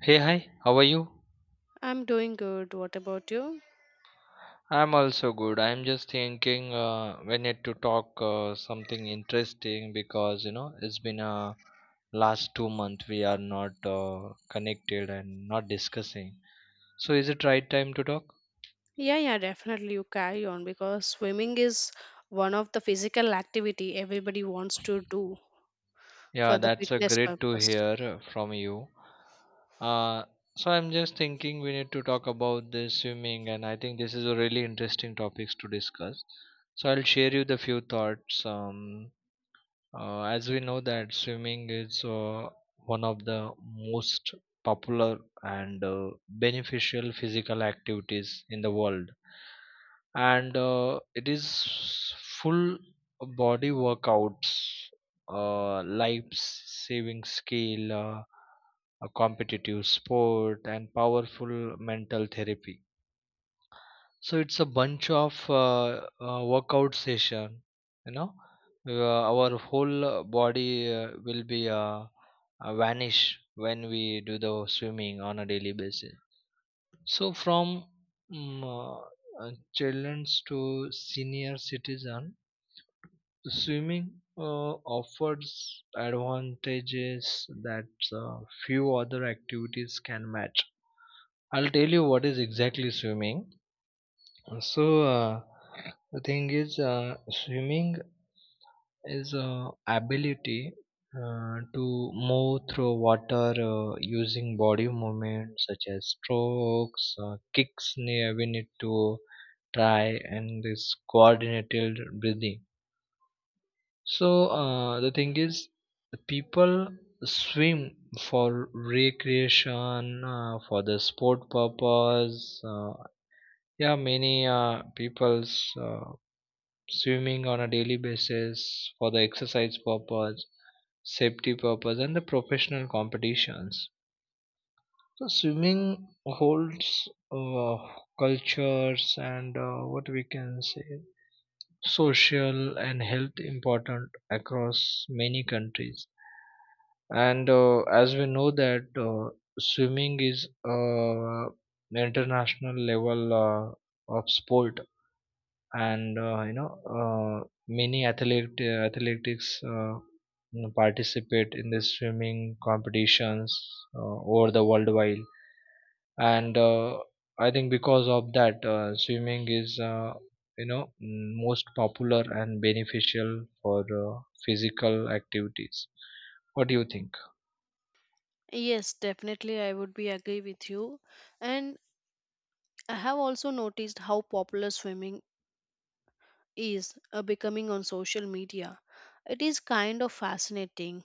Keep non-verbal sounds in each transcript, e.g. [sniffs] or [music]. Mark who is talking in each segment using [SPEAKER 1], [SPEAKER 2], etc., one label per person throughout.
[SPEAKER 1] Hey, hi, how are you?
[SPEAKER 2] I'm doing good. What about you?
[SPEAKER 1] I'm also good. I'm just thinking, we need to talk something interesting, because it's been last 2 months we are not connected and not discussing. So is it right time to talk?
[SPEAKER 2] Yeah, yeah, definitely you carry on because swimming is one of the physical activity everybody wants to do for
[SPEAKER 1] Yeah,
[SPEAKER 2] the
[SPEAKER 1] that's a
[SPEAKER 2] fitness
[SPEAKER 1] great to
[SPEAKER 2] purpose.
[SPEAKER 1] hear from you. Uh, so I'm just thinking we need to talk about this swimming, and I think this is a really interesting topics to discuss. So I'll share you the few thoughts. As we know that swimming is one of the most popular and beneficial physical activities in the world, and it is full body workouts, life saving skill, a competitive sport, and powerful mental therapy. So it's a bunch of workout session. You know, our whole body will be vanish when we do the swimming on a daily basis. So from mm, uh, childrens to senior citizen, swimming offers advantages that uh, few other activities can match. I'll tell you what is exactly swimming. So the thing is, swimming is a ability to move through water using body movement such as strokes, kicks. We need to try and this coordinated breathing. So the thing is, the people swim for recreation, for the sport purpose. Yeah, many people's. Swimming on a daily basis for the exercise purpose, safety purpose, and the professional competitions. So swimming holds cultures and, what we can say, social and health important across many countries. And as we know that swimming is international level of sport, and many athlete athletics, participate in the swimming competitions over the worldwide. And I think because of that swimming is, most popular and beneficial for physical activities. What do you think?
[SPEAKER 2] Yes, definitely I would be agree with you. And I have also noticed how popular swimming is becoming on social media. It is kind of fascinating.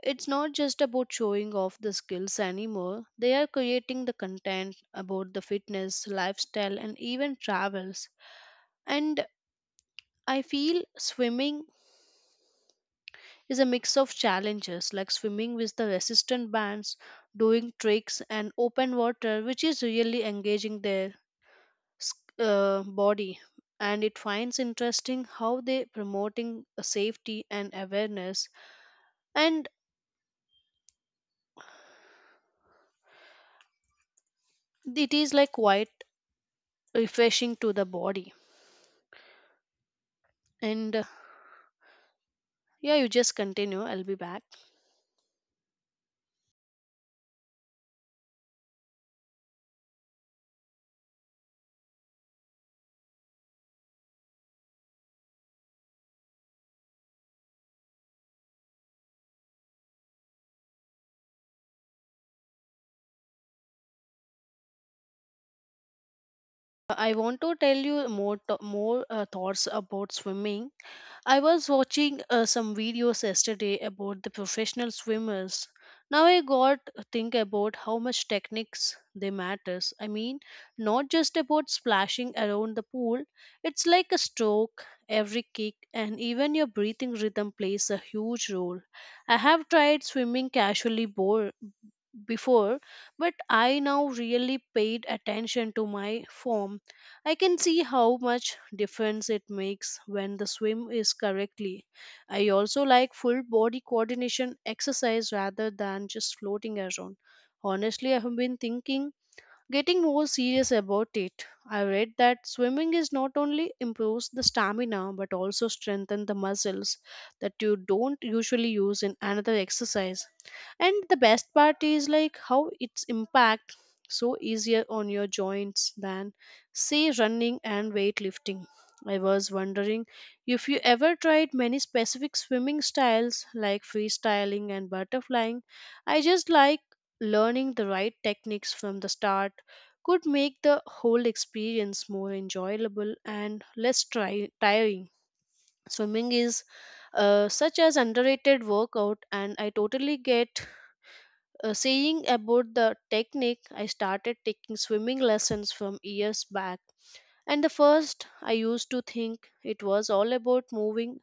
[SPEAKER 2] It's not just about showing off the skills anymore. They are creating the content about the fitness, lifestyle and even travels, and I feel swimming is a mix of challenges like swimming with the resistant bands, doing tricks and open water, which is really engaging their s- body. And it finds interesting how they promoting a safety and awareness, and it is like quite refreshing to the body. And yeah, you just continue, I'll be back. I want to tell you more thoughts about swimming. I was watching some videos yesterday about the professional swimmers. Now I got to think about how much techniques they matters. I mean, not just about splashing around the pool. It's like a stroke, every kick, and even your breathing rhythm plays a huge role. I have tried swimming casually before, but I now really paid attention to my form. I can see how much difference it makes when the swim is correctly. I also like full body coordination exercise rather than just floating around. Honestly, I have been thinking getting more serious about it. I read that swimming is not only improves the stamina but also strengthen the muscles that you don't usually use in another exercise. And the best part is like how its impact so easier on your joints than say running and weightlifting. I was wondering if you ever tried many specific swimming styles like freestyling and butterflying. I just like learning the right techniques from the start could make the whole experience more enjoyable and less tiring. Swimming is such as underrated workout, and I totally get saying about the technique. I started taking swimming lessons from years back, and the first I used to think it was all about moving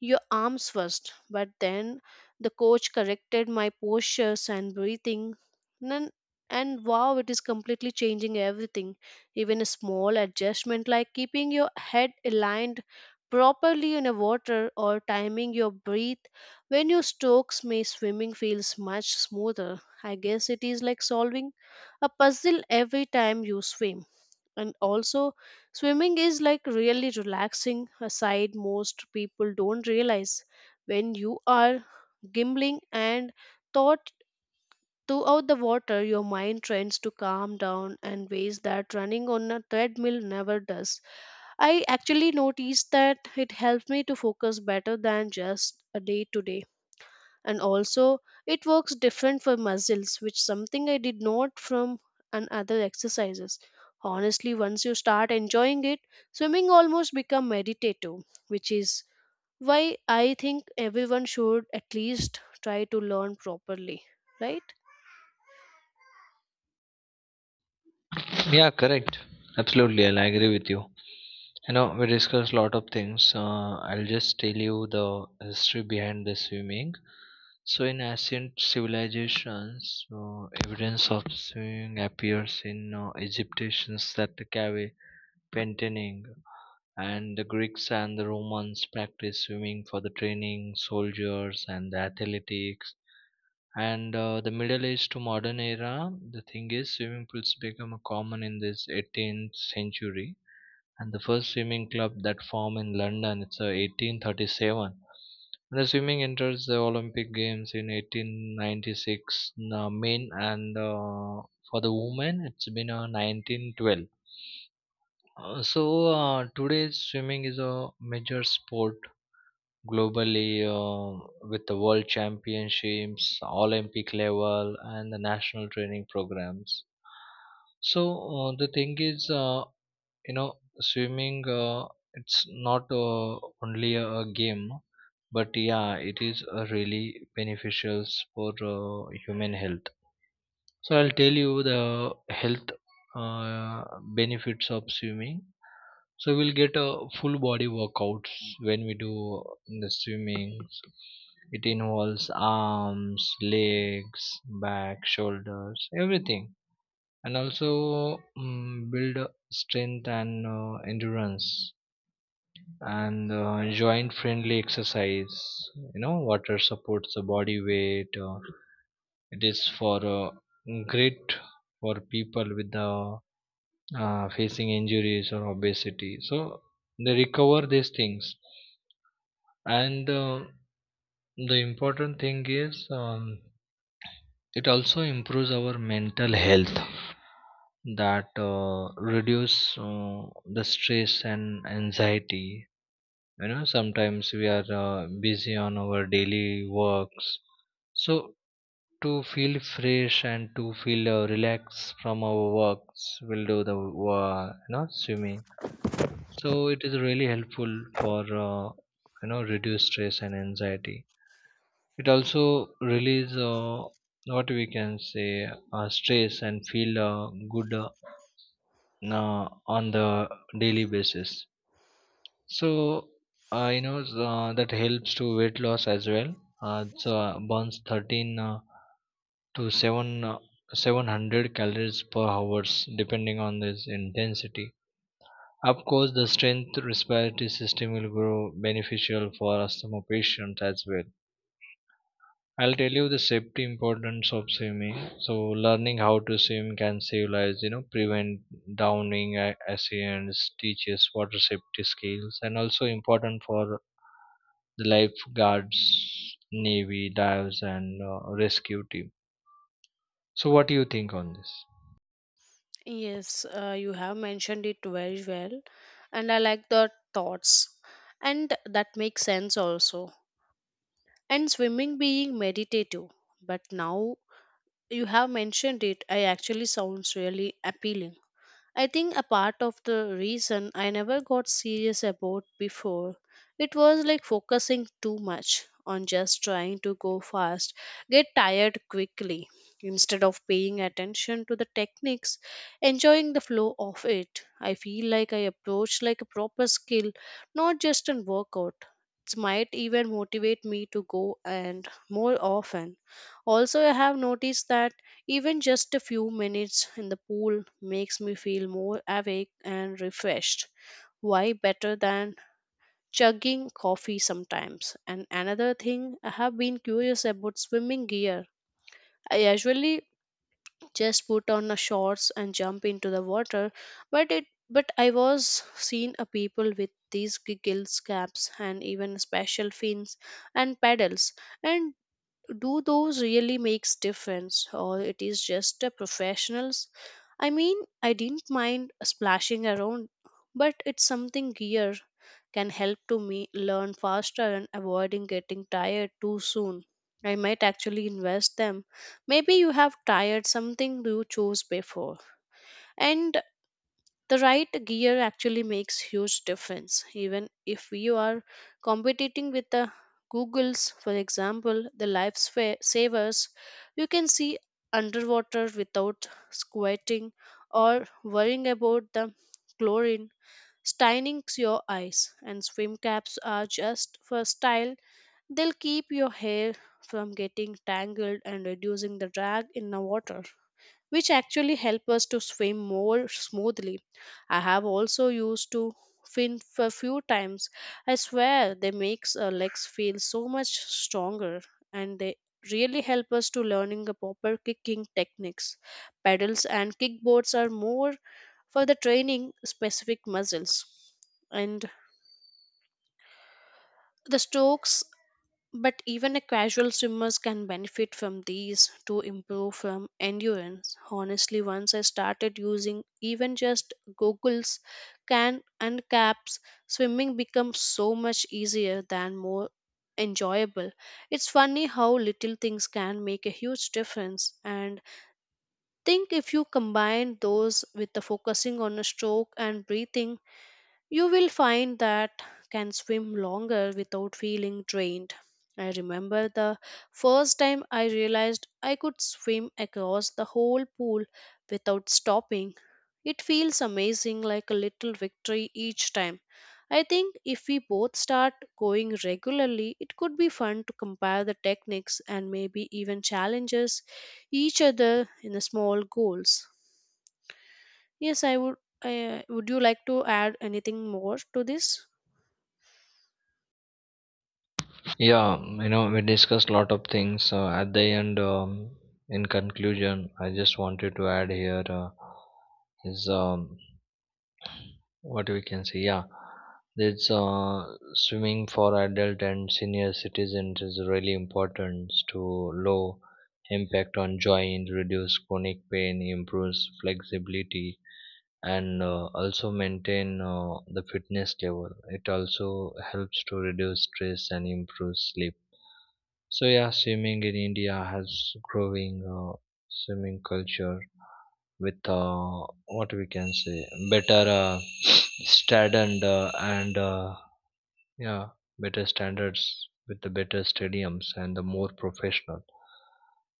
[SPEAKER 2] your arms first. But then the coach corrected my postures and breathing. Then and wow, it is completely changing everything. Even a small adjustment like keeping your head aligned properly in a water or timing your breath when your strokes may swimming feels much smoother. I guess it is like solving a puzzle every time you swim. And also, swimming is like really relaxing aside most people don't realize. When you are gimbling and thought throughout the water, your mind tends to calm down and ways that running on a treadmill never does. I actually noticed that it helped me to focus better than just a day to day. And also, it works different for muscles, which something I did not from and other exercises. Honestly, once you start enjoying it, swimming almost become meditative, which is why I think everyone should at least try to learn properly, right?
[SPEAKER 1] Yeah, correct. Absolutely, I'll agree with you. We discussed a lot of things. I'll just tell you the history behind the swimming. So in ancient civilizations, evidence of sewing appears in Egyptians that cave painting, and the Greeks and the Romans practiced swimming for the training soldiers and the athletics. And the middle age to modern era, the thing is, swimming pools become a common in this 18th century. And the first swimming club that formed in London, it's 1837. And the swimming enters the Olympic games in 1896, men, and for the women it's been 1912. So today swimming is a major sport globally, uh, with the world championships, Olympic level, and the national training programs. So the thing is, you know, swimming, it's not only a game, but yeah, it is really beneficial for human health. So I'll tell you the health uh, benefits of swimming. So we'll get a full body workouts when we do the swimming. It involves arms, legs, back, shoulders, everything. And also, build strength and endurance, and joint friendly exercise. Water supports the body weight, it is for great for people with the facing injuries or obesity. So they recover these things. And the important thing is, it also improves our mental health, that reduce the stress and anxiety. Sometimes we are busy on our daily works. So to feel fresh and to feel relaxed from our works, we'll do the swimming. So it is really helpful for uh, reduce stress and anxiety. It also release what we can say, stress, and feel good uh, on the daily basis. So that helps to weight loss as well. So burns 13 to 7 700 calories per hours depending on this intensity. Of course, the strength respiratory system will grow beneficial for asthma patients as well. I'll tell you the safety importance of swimming. So, learning how to swim can save lives, prevent drowning accidents, teaches water safety skills, and also important for the lifeguards, navy, dives, and rescue team. So, what do you think on this?
[SPEAKER 2] Yes, you have mentioned it very well, and I like the thoughts, and that makes sense also. And swimming being meditative, but now you have mentioned it, I actually sounds really appealing. I think a part of the reason I never got serious about before, it was like focusing too much on just trying to go fast, get tired quickly, instead of paying attention to the techniques, enjoying the flow of it. I feel like I approach like a proper skill, not just an workout. It might even motivate me to go and more often. Also, I have noticed that even just a few minutes in the pool makes me feel more awake and refreshed. Why better than chugging coffee sometimes? And another thing, I have been curious about swimming gear. I usually just put on a shorts and jump into the water, but it but I was seen a people with these giggles caps and even special fins and paddles, and do those really makes difference or it is just a professionals. I mean, I didn't mind splashing around, but it's something gear can help to me learn faster and avoiding getting tired too soon. I might actually invest them. Maybe you have tired something you chose before, and the right gear actually makes huge difference even if you are competing with the googles. For example, the life savers, you can see underwater without squinting or worrying about the chlorine staining your eyes. And swim caps are just for style, they'll keep your hair from getting tangled and reducing the drag in the water, which actually help us to swim more smoothly. I have also used to fin a few times. I swear they makes our legs feel so much stronger, and they really help us to learning the proper kicking techniques. Pedals and kickboards are more for the training specific muscles and the strokes, but even a casual swimmers can benefit from these to improve from endurance. Honestly, once I started using even just goggles, can and caps, swimming becomes so much easier than more enjoyable. It's funny how little things can make a huge difference, and think if you combine those with the focusing on a stroke and breathing, you will find that can swim longer without feeling drained. I remember the first time I realized I could swim across the whole pool without stopping. It feels amazing, like a little victory each time. I think if we both start going regularly, it could be fun to compare the techniques and maybe even challenges each other in the small goals. Yes, I would. Would you like to add anything more to this?
[SPEAKER 1] Yeah, we discussed a lot of things. At the end, in conclusion, I just wanted to add here, is, what we can say. Yeah, this swimming for adult and senior citizens is really important to low impact on joint, reduce chronic pain, improves flexibility, and also maintain the fitness level. It also helps to reduce stress and improve sleep. So yeah, swimming in India has growing swimming culture with, what we can say, better [sniffs] standard, and yeah, better standards with the better stadiums and the more professional.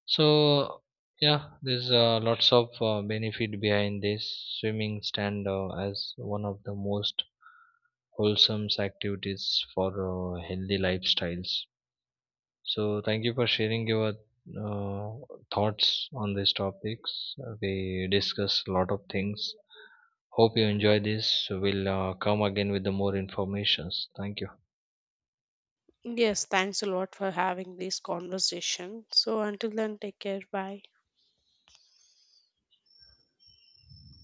[SPEAKER 1] So yeah, there's lots of benefit behind this. Swimming stand as one of the most wholesome activities for healthy lifestyles. So, thank you for sharing your uh, thoughts on these topics. We discuss a lot of things. Hope you enjoy this. We'll come again with the more informations. Thank you.
[SPEAKER 2] Yes, thanks a lot for having this conversation. So until then, take care. Bye.